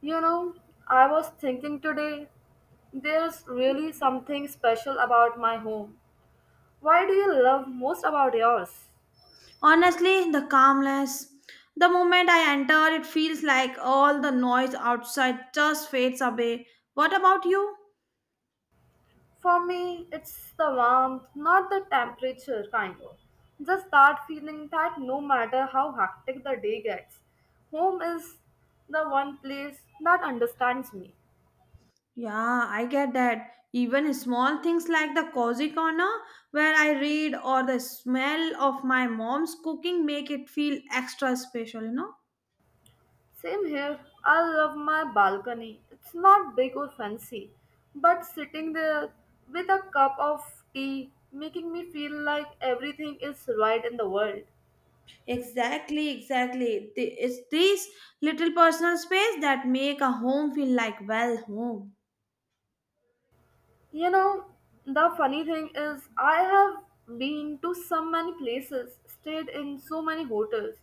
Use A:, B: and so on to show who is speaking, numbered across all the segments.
A: You know, I was thinking today, there's really something special about my home. Why do you love most about yours?
B: Honestly, the calmness. The moment I enter, it feels like all the noise outside just fades away. What about you?
A: For me, it's the warmth, not the temperature kind of. Just that feeling that no matter how hectic the day gets, home is the one place that understands me.
B: Yeah, I get that. Even small things like the cozy corner where I read or the smell of my mom's cooking make it feel extra special, you know?
A: Same here. I love my balcony. It's not big or fancy, but sitting there with a cup of tea making me feel like everything is right in the world.
B: Exactly, exactly. It's these little personal space that make a home feel like well home.
A: You know, the funny thing is I have been to so many places, stayed in so many hotels,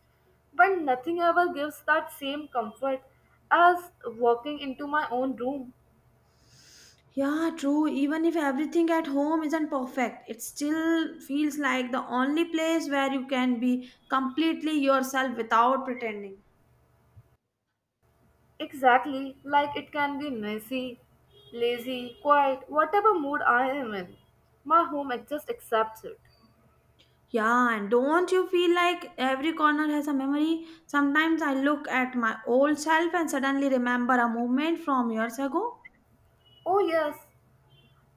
A: but nothing ever gives that same comfort as walking into my own room.
B: Yeah, true. Even if everything at home isn't perfect, it still feels like the only place where you can be completely yourself without pretending.
A: Exactly, like it can be messy, lazy, quiet, whatever mood I am in. My home it just accepts it.
B: Yeah, and don't you feel like every corner has a memory? Sometimes I look at my old self and suddenly remember a moment from years ago.
A: Oh yes,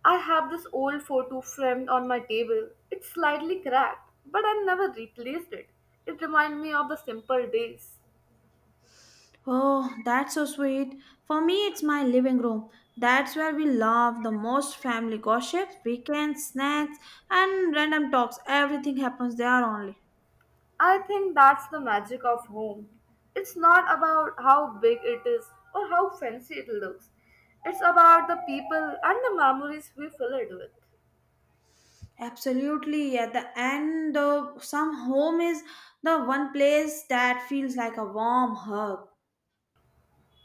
A: I have this old photo framed on my table. It's slightly cracked, but I've never replaced it. It reminds me of the simple days.
B: Oh, that's so sweet. For me, it's my living room. That's where we love the most family gossips, weekends, snacks, and random talks. Everything happens there only.
A: I think that's the magic of home. It's not about how big it is or how fancy it looks. It's about the people and the memories we fill it with.
B: Absolutely, at the end, some home is the one place that feels like a warm hug.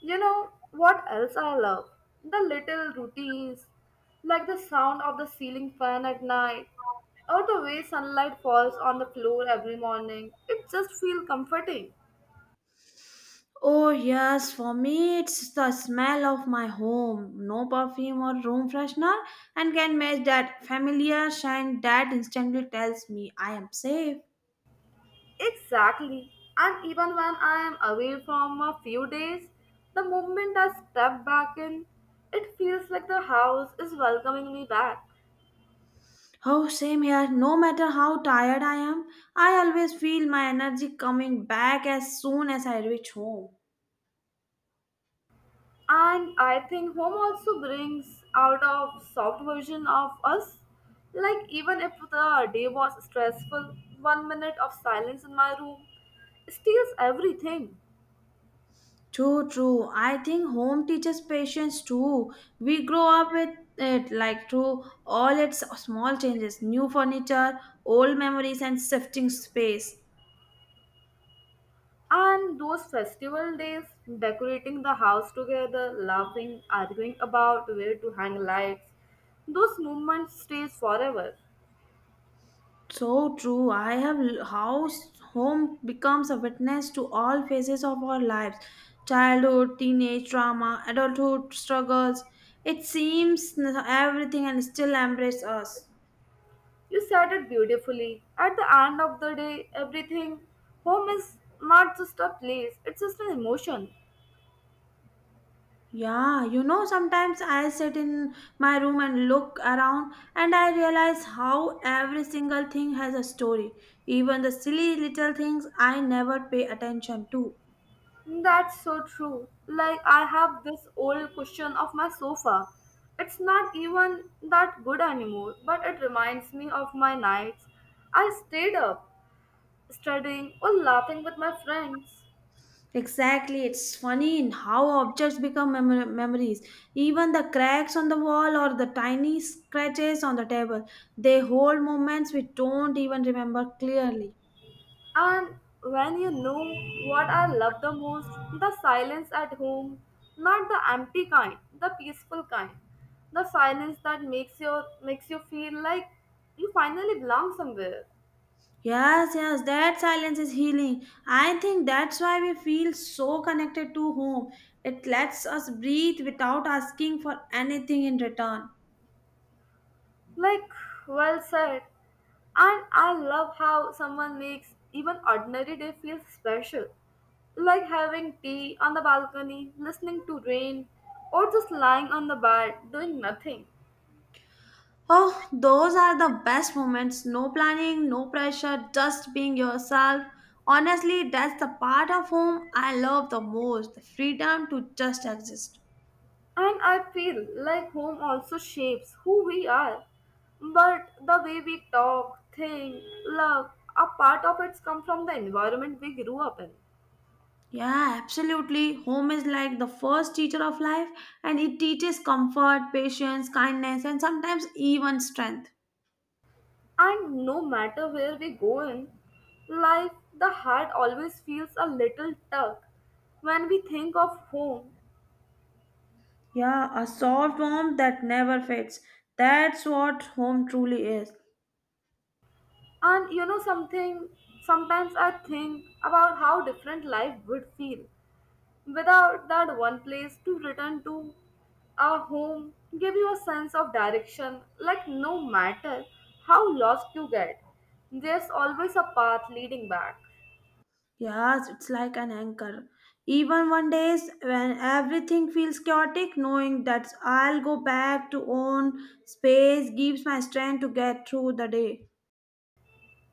A: You know what else I love? The little routines, like the sound of the ceiling fan at night, or the way sunlight falls on the floor every morning. It just feels comforting.
B: Oh, yes, for me, it's the smell of my home. No perfume or room freshener, and can match that familiar scent that instantly tells me I am safe.
A: Exactly. And even when I am away from a few days, the moment I step back in, it feels like the house is welcoming me back.
B: Oh, same here. No matter how tired I am, I always feel my energy coming back as soon as I reach home.
A: And I think home also brings out a soft version of us. Like, even if the day was stressful, 1 minute of silence in my room steals everything.
B: True, true. I think home teaches patience too. We grow up with it like through all its small changes, new furniture, old memories, and shifting space.
A: And those festival days, decorating the house together, laughing, arguing about where to hang lights, those moments stays forever.
B: So true. I have how home becomes a witness to all phases of our lives childhood, teenage trauma, adulthood struggles. It seems everything and still embrace us.
A: You said it beautifully. At the end of the day, everything, home is not just a place, it's just an emotion.
B: Yeah, you know, sometimes I sit in my room and look around and I realize how every single thing has a story, even the silly little things I never pay attention to.
A: That's so true. Like, I have this old cushion of my sofa. It's not even that good anymore, but it reminds me of my nights. I stayed up, studying or laughing with my friends.
B: Exactly, it's funny in how objects become memories. Even the cracks on the wall or the tiny scratches on the table, they hold moments we don't even remember clearly.
A: And when you know what I love the most, the silence at home, not the empty kind, the peaceful kind, the silence that makes you feel like you finally belong somewhere.
B: Yes, yes, that silence is healing. I think that's why we feel so connected to home. It lets us breathe without asking for anything in return.
A: Like, well said. And I love how someone makes even ordinary day feel special. Like having tea on the balcony, listening to rain, or just lying on the bed doing nothing.
B: Oh, those are the best moments. No planning, no pressure, just being yourself. Honestly, that's the part of home I love the most the freedom to just exist.
A: And I feel like home also shapes who we are. But the way we talk, think, love, a part of it's come from the environment we grew up in.
B: Yeah, absolutely. Home is like the first teacher of life, and it teaches comfort, patience, kindness, and sometimes even strength.
A: And no matter where we go in life, the heart always feels a little tug when we think of home.
B: Yeah, a soft warmth that never fades. That's what home truly is.
A: And you know something, sometimes I think about how different life would feel without that one place to return to. Our home give you a sense of direction, like no matter how lost you get, there's always a path leading back.
B: Yes, it's like an anchor. Even one days when everything feels chaotic, knowing that I'll go back to own space gives my strength to get through the day.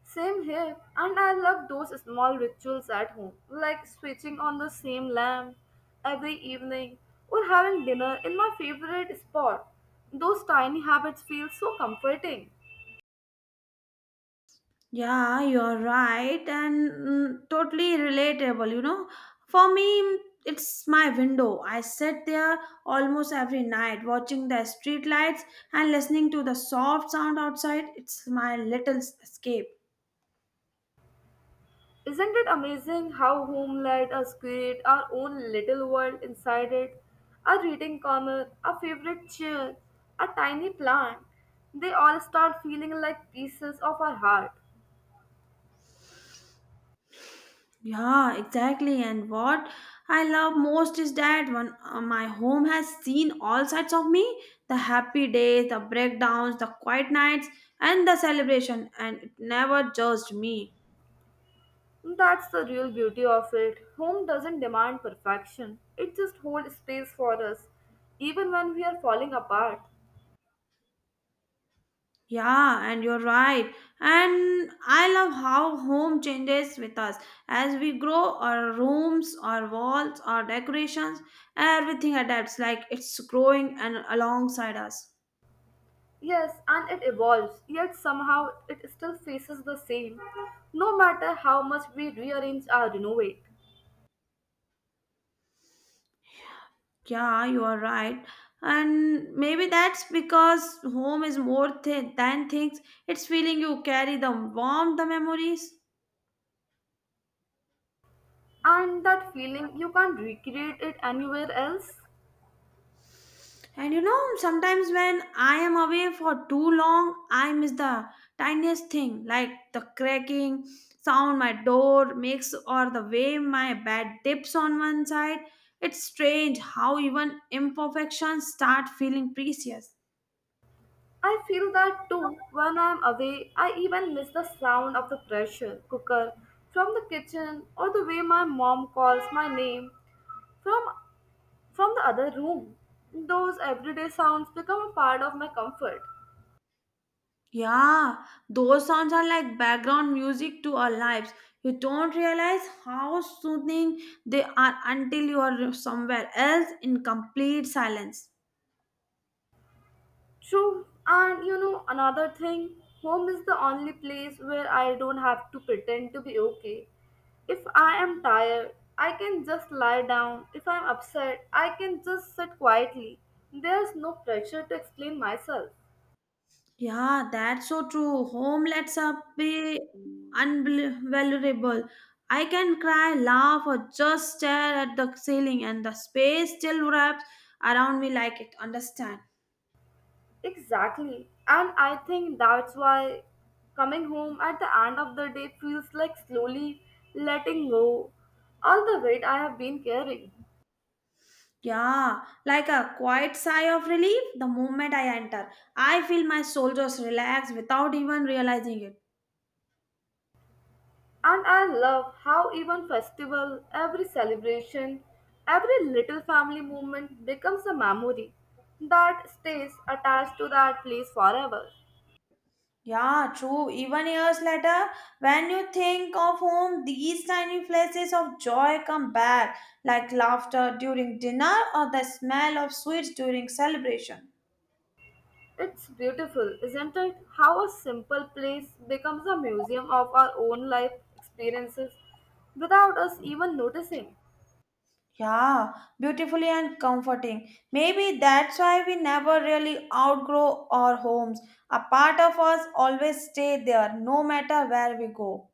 A: Same here, and I love those small rituals at home, like switching on the same lamp every evening or having dinner in my favorite spot. Those tiny habits feel so comforting.
B: Yeah, you're right, and totally relatable. You know, for me, it's my window. I sit there almost every night watching the street lights and listening to the soft sound outside. It's my little escape.
A: Isn't it amazing how home let us create our own little world inside it? A reading corner, a favorite chair, a tiny plant. They all start feeling like pieces of our heart.
B: Yeah, exactly. And what I love most is that when my home has seen all sides of me the happy days, the breakdowns, the quiet nights, and the celebration, and it never judged me.
A: That's the real beauty of it. Home doesn't demand perfection, it just holds space for us, even when we are falling apart.
B: Yeah, and you're right. And I love how home changes with us. As we grow, our rooms, our walls, our decorations, everything adapts like it's growing and alongside us.
A: Yes, and it evolves, yet somehow it still faces the same, no matter how much we rearrange or renovate.
B: Yeah, you are right. And maybe that's because home is more than things. It's feeling you carry the warmth, the memories.
A: And that feeling, you can't recreate it anywhere else.
B: And you know, sometimes when I am away for too long, I miss the tiniest thing, like the cracking sound my door makes or the way my bed dips on one side. It's strange how even imperfections start feeling precious.
A: I feel that too when I'm away. I even miss the sound of the pressure cooker from the kitchen or the way my mom calls my name from from the other room, those everyday sounds become a part of my comfort.
B: Yeah, those sounds are like background music to our lives. You don't realize how soothing they are until you are somewhere else in complete silence.
A: True, and you know, another thing, home is the only place where I don't have to pretend to be okay. If I am tired, I can just lie down. If I'm upset, I can just sit quietly. There's no pressure to explain myself.
B: Yeah, that's so true. Home lets up be unvaluable. I can cry, laugh, or just stare at the ceiling, and the space still wraps around me like it. Understand?
A: Exactly. And I think that's why coming home at the end of the day feels like slowly letting go all the weight I have been carrying.
B: Yeah, like a quiet sigh of relief the moment I enter. I feel my shoulders relax without even realizing it.
A: And I love how even festival, every celebration, every little family moment becomes a memory that stays attached to that place forever.
B: Yeah, true. Even years later, when you think of home, these tiny flashes of joy come back, like laughter during dinner or the smell of sweets during celebration.
A: It's beautiful, isn't it? How a simple place becomes a museum of our own life experiences without us even noticing.
B: Yeah, beautifully and comforting. Maybe that's why we never really outgrow our homes. A part of us always stay there, no matter where we go.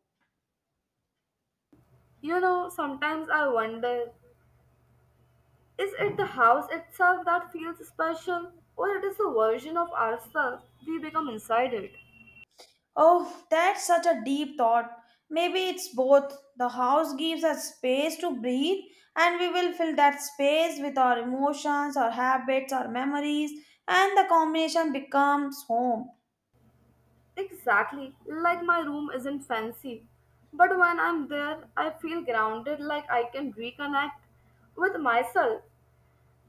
A: You know, sometimes I wonder is it the house itself that feels special, or it is the version of ourselves we become inside it?
B: Oh, that's such a deep thought. Maybe it's both. The house gives us space to breathe, and we will fill that space with our emotions, our habits, our memories, and the combination becomes home.
A: Exactly, like my room isn't fancy, but when I'm there, I feel grounded like I can reconnect with myself.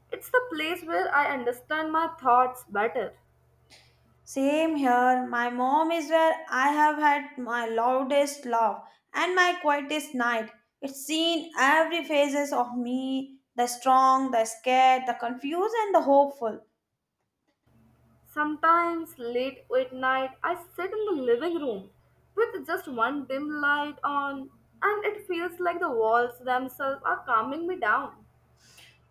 A: It's the place where I understand my thoughts better.
B: Same here. My mom is where I have had my loudest love and my quietest night. It's seen every phases of me, the strong, the scared, the confused, and the hopeful.
A: Sometimes late at night, I sit in the living room with just one dim light on, and it feels like the walls themselves are calming me down.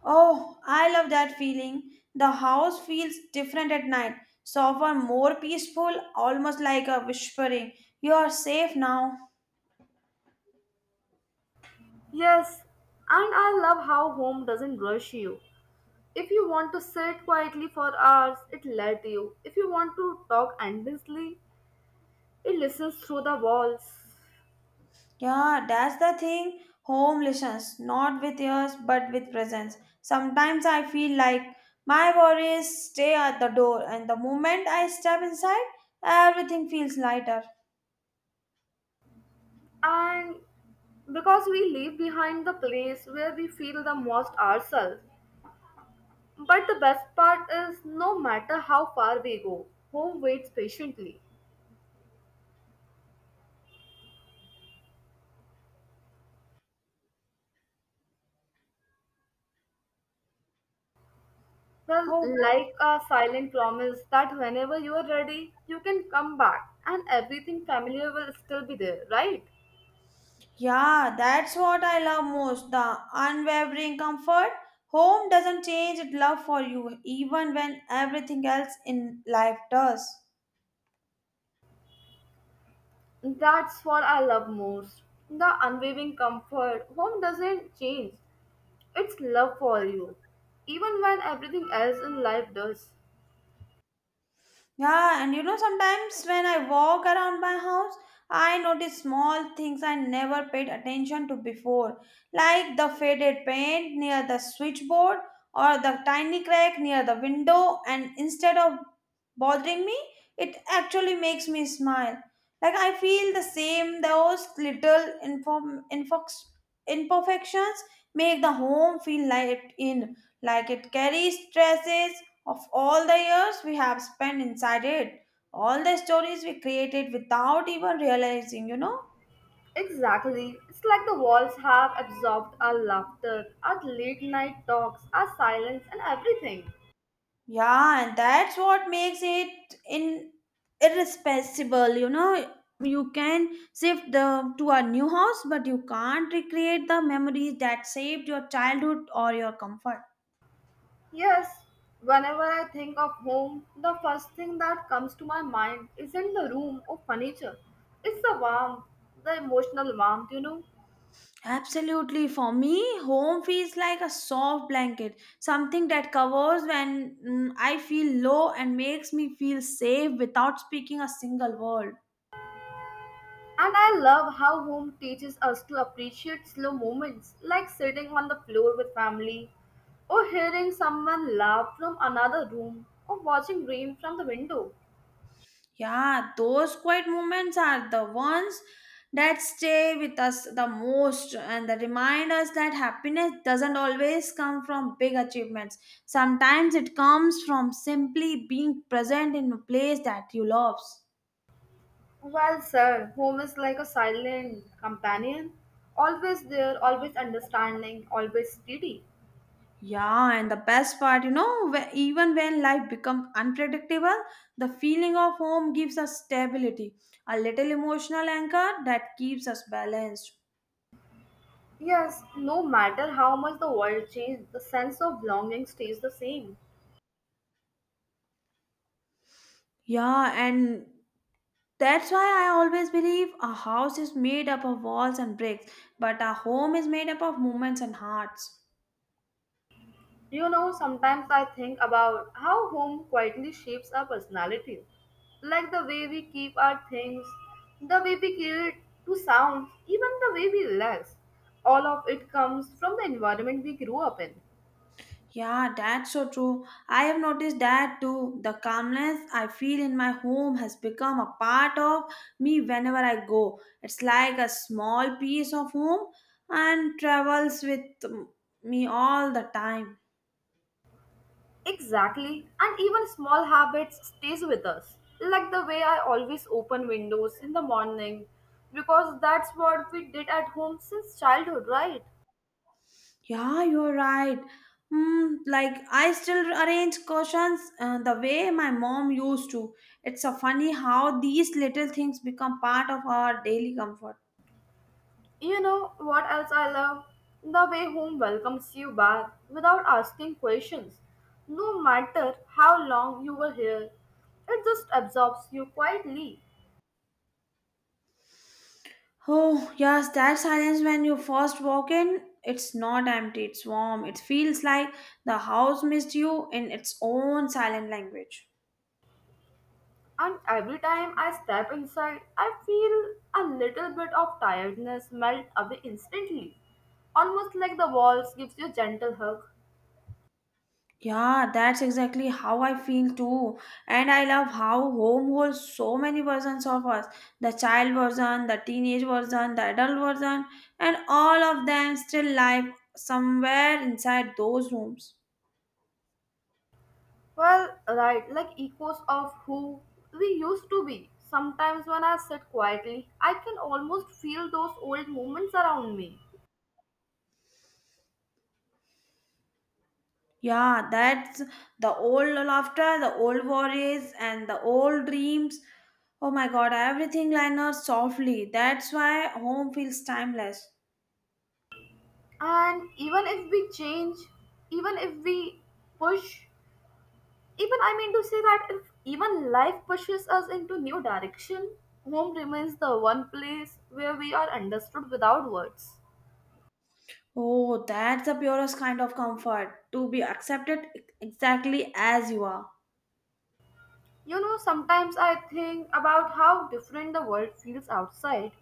B: Oh, I love that feeling. The house feels different at night, softer, more peaceful, almost like a whispering. You are safe now.
A: Yes, and I love how home doesn't rush you. If you want to sit quietly for hours, it let you. If you want to talk endlessly, it listens through the walls.
B: Yeah, that's the thing. Home listens, not with ears, but with presence. Sometimes I feel like my worries stay at the door, and the moment I step inside, everything feels lighter.
A: And because we leave behind the place where we feel the most ourselves. But the best part is no matter how far we go, home waits patiently. Well,
B: Oh,
A: like a silent promise that whenever you are ready, you can come back and everything familiar will still be there, right?
B: yeah, that's what I love most the unwavering comfort. Home doesn't change its love for you, even when everything else in life does.
A: That's what I love most. The unwavering comfort. Home doesn't change, it's love for you, even when everything else in life does.
B: Yeah, and you know, sometimes when I walk around my house, I notice small things I never paid attention to before, like the faded paint near the switchboard or the tiny crack near the window, and instead of bothering me, it actually makes me smile. Like I feel the same, those little imperfections make the home feel light in, like it carries stresses of all the years we have spent inside it, all the stories we created without even realizing, you know?
A: Exactly. It's like the walls have absorbed our laughter, our late night talks, our silence, and everything.
B: Yeah, and that's what makes it in irresponsible, you know. You can shift the to a new house, but you can't recreate the memories that saved your childhood or your comfort.
A: Yes, whenever I think of home, the first thing that comes to my mind isn't the room or furniture. It's the warmth, the emotional warmth, you know.
B: Absolutely. For me, home feels like a soft blanket, something that covers when I feel low and makes me feel safe without speaking a single word.
A: And I love how home teaches us to appreciate slow moments, like sitting on the floor with family, or hearing someone laugh from another room, or watching rain from the window.
B: Yeah, those quiet moments are the ones that stay with us the most and that remind us that happiness doesn't always come from big achievements. Sometimes it comes from simply being present in a place that you love.
A: Well, sir, home is like a silent companion, always there, always understanding, always steady.
B: Yeah, and the best part, you know, even when life becomes unpredictable, the feeling of home gives us stability, a little emotional anchor that keeps us balanced.
A: Yes, no matter how much the world changes, the sense of belonging stays the same.
B: Yeah, and that's why I always believe a house is made up of walls and bricks, but a home is made up of moments and hearts.
A: You know, sometimes I think about how home quietly shapes our personality. Like the way we keep our things, the way we create to sounds, even the way we relax. All of it comes from the environment we grew up in.
B: Yeah, that's so true. I have noticed that too. The calmness I feel in my home has become a part of me whenever I go. It's like a small piece of home and travels with me all the time.
A: Exactly, and even small habits stays with us. Like the way I always open windows in the morning because that's what we did at home since childhood, right?
B: Yeah, you're right. Like I still arrange cushions the way my mom used to. It's a funny how these little things become part of our daily comfort.
A: You know what else I love? The way home welcomes you back without asking questions. No matter how long you were here, it just absorbs you quietly.
B: Oh, yes, that silence when you first walk in, it's not empty, it's warm. It feels like the house missed you in its own silent language.
A: And every time I step inside, I feel a little bit of tiredness melt away instantly, almost like the walls gives you a gentle hug.
B: Yeah, that's exactly how I feel too. And I love how home holds so many versions of us the child version, the teenage version, the adult version, and all of them still live somewhere inside those rooms.
A: Well, right, like echoes of who we used to be. Sometimes when I sit quietly, I can almost feel those old moments around me.
B: Yeah, that's the old laughter, the old worries, and the old dreams. Oh my god, everything liners softly. That's why home feels timeless.
A: And even if we change, even if we push, Even I mean to say that if even life pushes us into new direction, home remains the one place where we are understood without words.
B: Oh, that's the purest kind of comfort to be accepted exactly as you are.
A: You know, sometimes I think about how different the world feels outside.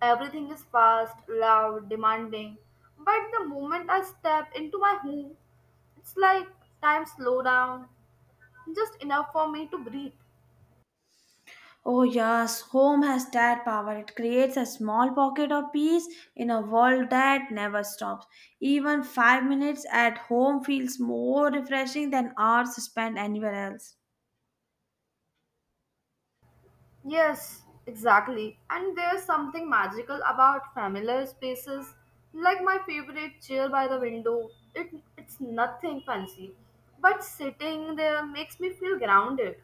A: Everything is fast, loud, demanding. But the moment I step into my home, it's like time slow down, just enough for me to breathe.
B: Oh, yes, home has that power. It creates a small pocket of peace in a world that never stops. Even 5 minutes at home feels more refreshing than hours spent anywhere else.
A: Yes, exactly. And there's something magical about familiar spaces, like my favorite chair by the window. It, it's nothing fancy, but sitting there makes me feel grounded.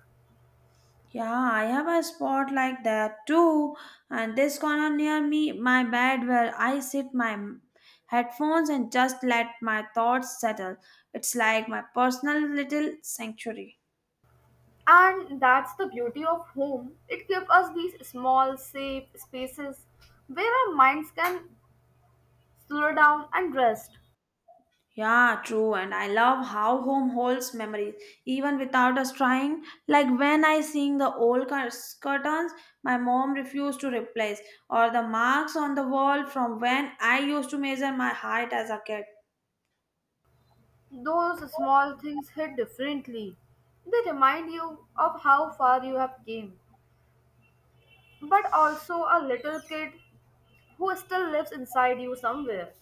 B: Yeah, I have a spot like that too. And this corner near me, my bed where I sit my headphones and just let my thoughts settle. It's like my personal little sanctuary.
A: And that's the beauty of home. It gives us these small, safe spaces where our minds can slow down and rest.
B: Yeah, true. And I love how home holds memories, even without us trying. Like when I sing the old curtains my mom refused to replace, or the marks on the wall from when I used to measure my height as a kid.
A: Those small things hit differently. They remind you of how far you have came. But also a little kid who still lives inside you somewhere.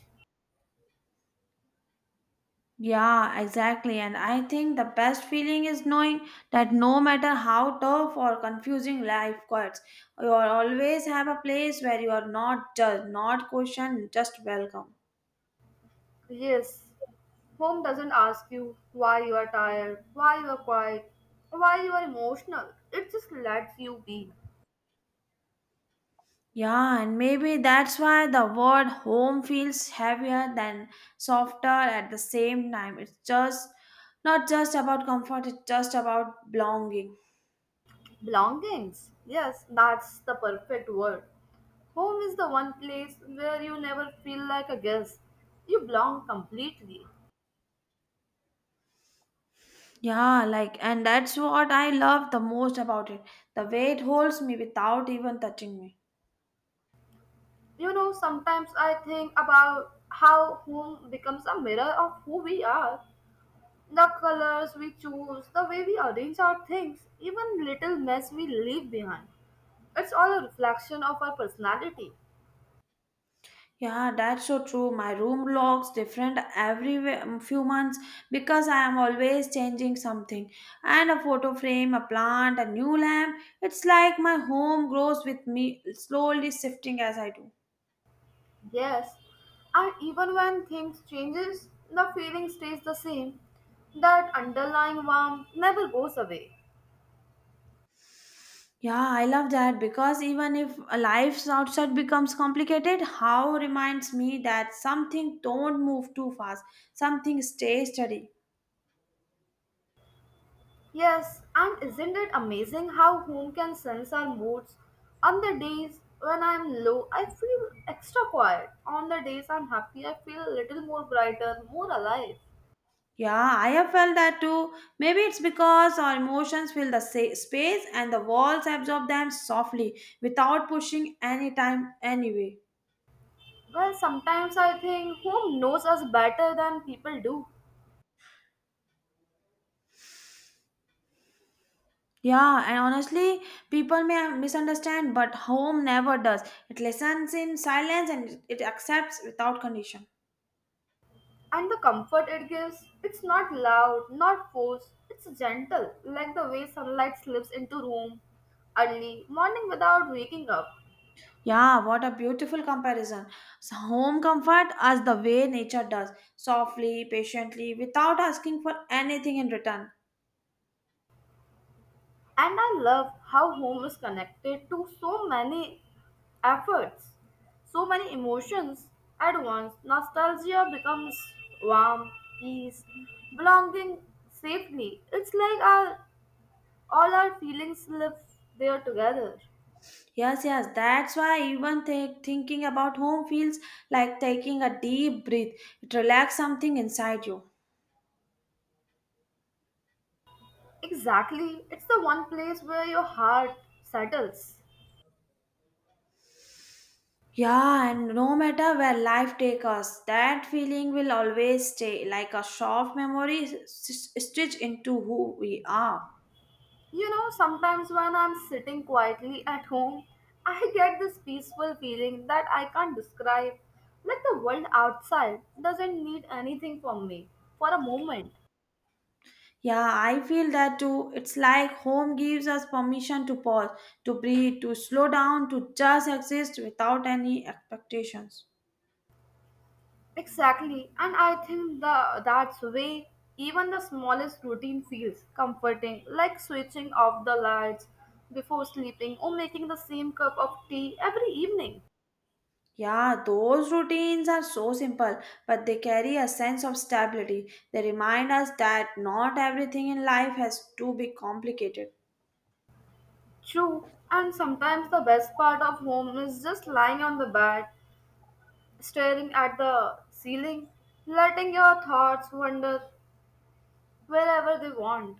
B: Yeah, exactly. And I think the best feeling is knowing that no matter how tough or confusing life gets, you are always have a place where you are not judged, not questioned, just welcome.
A: Yes, home doesn't ask you why you are tired, why you are quiet, why you are emotional. It just lets you be.
B: Yeah, and maybe that's why the word home feels heavier than softer at the same time. It's just not just about comfort, it's just about belonging.
A: Belongings. Yes, that's the perfect word. Home is the one place where you never feel like a guest. You belong completely.
B: Yeah, like, and that's what I love the most about it. The way it holds me without even touching me.
A: You know, sometimes I think about how home becomes a mirror of who we are. The colors we choose, the way we arrange our things, even little mess we leave behind. It's all a reflection of our personality.
B: Yeah, that's so true. My room looks different every few months because I am always changing something. And a photo frame, a plant, a new lamp. It's like my home grows with me, slowly shifting as I do.
A: Yes, and even when things changes, the feeling stays the same. That underlying warmth never goes away.
B: Yeah, I love that because even if a life outside becomes complicated, how reminds me that something don't move too fast, something stays steady.
A: Yes, and isn't it amazing how home can sense our moods? On the days when I'm low, I feel extra quiet. On the days I'm happy, I feel a little more brighter, more alive.
B: Yeah, I have felt that too. Maybe it's because our emotions fill the space and the walls absorb them softly without pushing anytime, anyway.
A: Well, sometimes I think home knows us better than people do.
B: Yeah, and honestly, people may misunderstand, but home never does. It listens in silence and it accepts without condition.
A: And the comfort it gives, it's not loud, not forced, it's gentle, like the way sunlight slips into room early morning without waking up.
B: Yeah, what a beautiful comparison. So home comfort as the way nature does, softly, patiently, without asking for anything in return.
A: And I love how home is connected to so many efforts, so many emotions at once. Nostalgia becomes warm, peace, belonging safely. It's like our All our feelings live there together.
B: Yes, yes, that's why even thinking about home feels like taking a deep breath. It relaxes something inside you.
A: Exactly. It's the one place where your heart settles.
B: Yeah, and no matter where life takes us, that feeling will always stay like a soft memory stitched into who we are.
A: You know, sometimes when I'm sitting quietly at home, I get this peaceful feeling that I can't describe. Like the world outside doesn't need anything from me for a moment.
B: Yeah, I feel that too. It's like home gives us permission to pause, to breathe, to slow down, to just exist without any expectations.
A: Exactly, and I think the that's way even the smallest routine feels comforting, like switching off the lights before sleeping or making the same cup of tea every evening.
B: Yeah, those routines are so simple, but they carry a sense of stability. They remind us that not everything in life has to be complicated.
A: True, and sometimes the best part of home is just lying on the bed, staring at the ceiling, letting your thoughts wander wherever they want.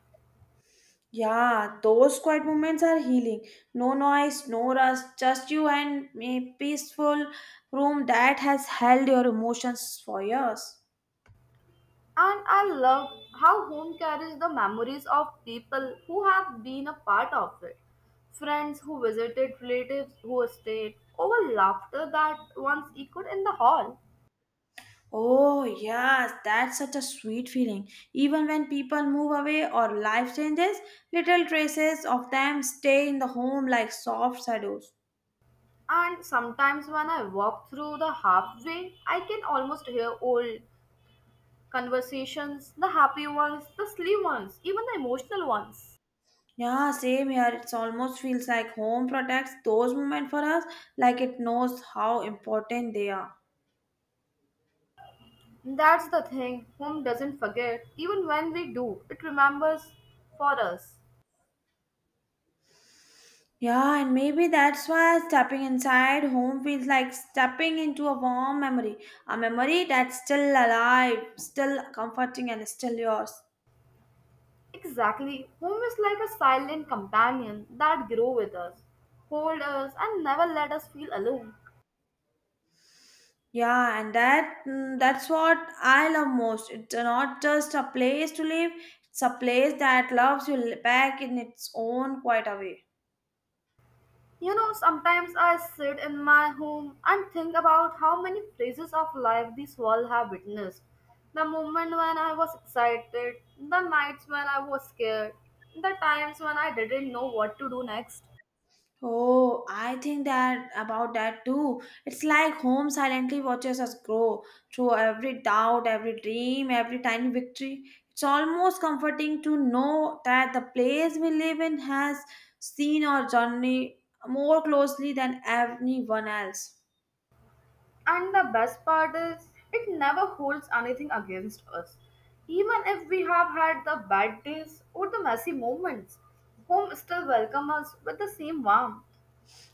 B: Yeah, those quiet moments are healing. No noise, no rush, just you and a peaceful room that has held your emotions for years.
A: And I love how home carries the memories of people who have been a part of it. Friends who visited, relatives who stayed, over laughter that once echoed in the hall.
B: Oh, yes, that's such a sweet feeling. Even when people move away or life changes, little traces of them stay in the home like soft shadows.
A: And sometimes when I walk through the halfway, I can almost hear old conversations, the happy ones, the silly ones, even the emotional ones.
B: Yeah, same here. It's almost feels like home protects those moments for us, like it knows how important they are.
A: That's the thing, home doesn't forget, even when we do, it remembers for us.
B: Yeah, and maybe that's why stepping inside home feels like stepping into a warm memory, a memory that's still alive, still comforting, and still yours.
A: Exactly. Home is like a silent companion that grow with us, hold us and never let us feel alone.
B: Yeah, and that's what I love most. It's not just a place to live; it's a place that loves you back in its own quiet way.
A: You know, sometimes I sit in my home and think about how many phases of life this world have witnessed. The moment when I was excited, the nights when I was scared, the times when I didn't know what to do next.
B: Oh, I think that about that too. It's like home silently watches us grow through every doubt, every dream, every tiny victory. It's almost comforting to know that the place we live in has seen our journey more closely than anyone else.
A: And the best part is, it never holds anything against us. Even if we have had the bad days or the messy moments, home still welcomes us with the same warmth.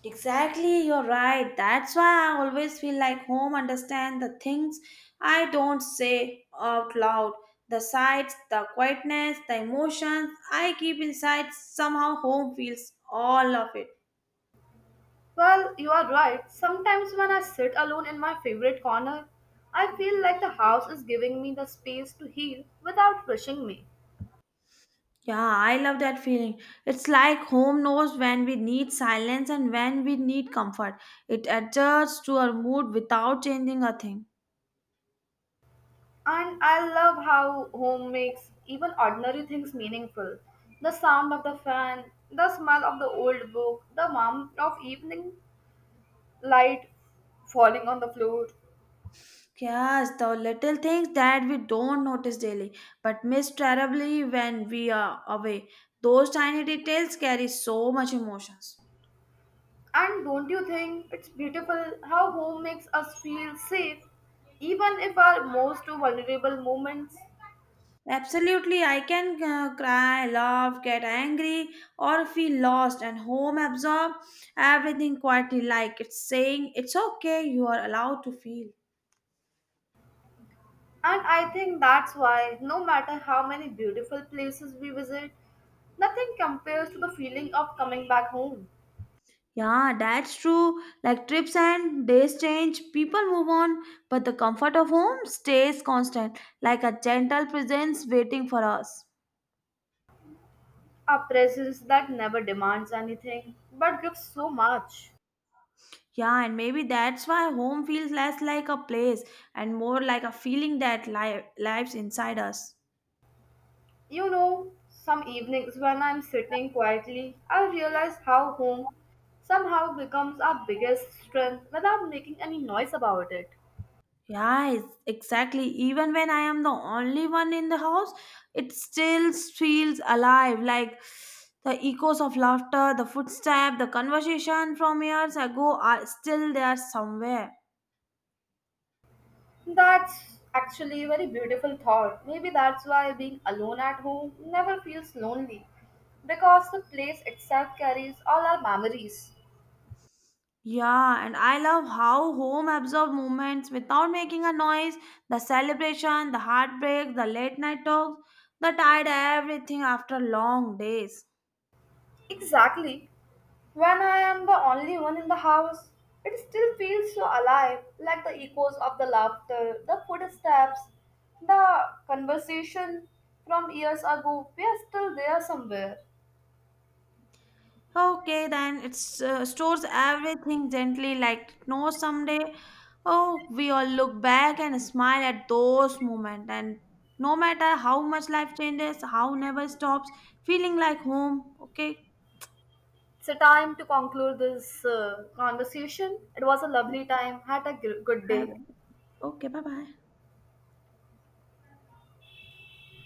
B: Exactly, you're right. That's why I always feel like home understand the things I don't say out loud. The sights, the quietness, the emotions I keep inside, somehow home feels all of it.
A: Well, you are right. Sometimes when I sit alone in my favorite corner, I feel like the house is giving me the space to heal without rushing me.
B: Yeah, I love that feeling. It's like home knows when we need silence and when we need comfort. It adjusts to our mood without changing a thing.
A: And I love how home makes even ordinary things meaningful. The sound of the fan, the smell of the old book, the warmth of evening light falling on the floor.
B: Yes, the little things that we don't notice daily but miss terribly when we are away. Those tiny details carry so much emotions.
A: And don't you think it's beautiful how home makes us feel safe, even if our most vulnerable moments?
B: Absolutely, I can cry, laugh, get angry, or feel lost and home absorb everything quietly like it's saying it's okay, you are allowed to feel.
A: And I think that's why, no matter how many beautiful places we visit, nothing compares to the feeling of coming back home.
B: Yeah, that's true. Like trips and days change, people move on, but the comfort of home stays constant, like a gentle presence waiting for us.
A: A presence that never demands anything but gives so much.
B: Yeah, and maybe that's why home feels less like a place and more like a feeling that lives inside us.
A: You know, some evenings when I'm sitting quietly, I realize how home somehow becomes our biggest strength without making any noise about it.
B: Yeah, exactly. Even when I am the only one in the house, it still feels alive. Like the echoes of laughter, the footstep, the conversation from years ago are still there somewhere.
A: That's actually a very beautiful thought. Maybe that's why being alone at home never feels lonely because the place itself carries all our memories.
B: Yeah, and I love how home absorb moments without making a noise. The celebration, the heartbreak, the late night talks, the tired everything after long days.
A: Exactly. When I am the only one in the house, it still feels so alive, like the echoes of the laughter, the footsteps, the conversation from years ago. We are still there somewhere.
B: Okay, then it stores everything gently, like it knows someday. Oh, we all look back and smile at those moments, and no matter how much life changes, how never stops, feeling like home. Okay,
A: It's a time to conclude this conversation. It was a lovely time. Had a good
B: have
A: day.
B: it. Okay, bye bye.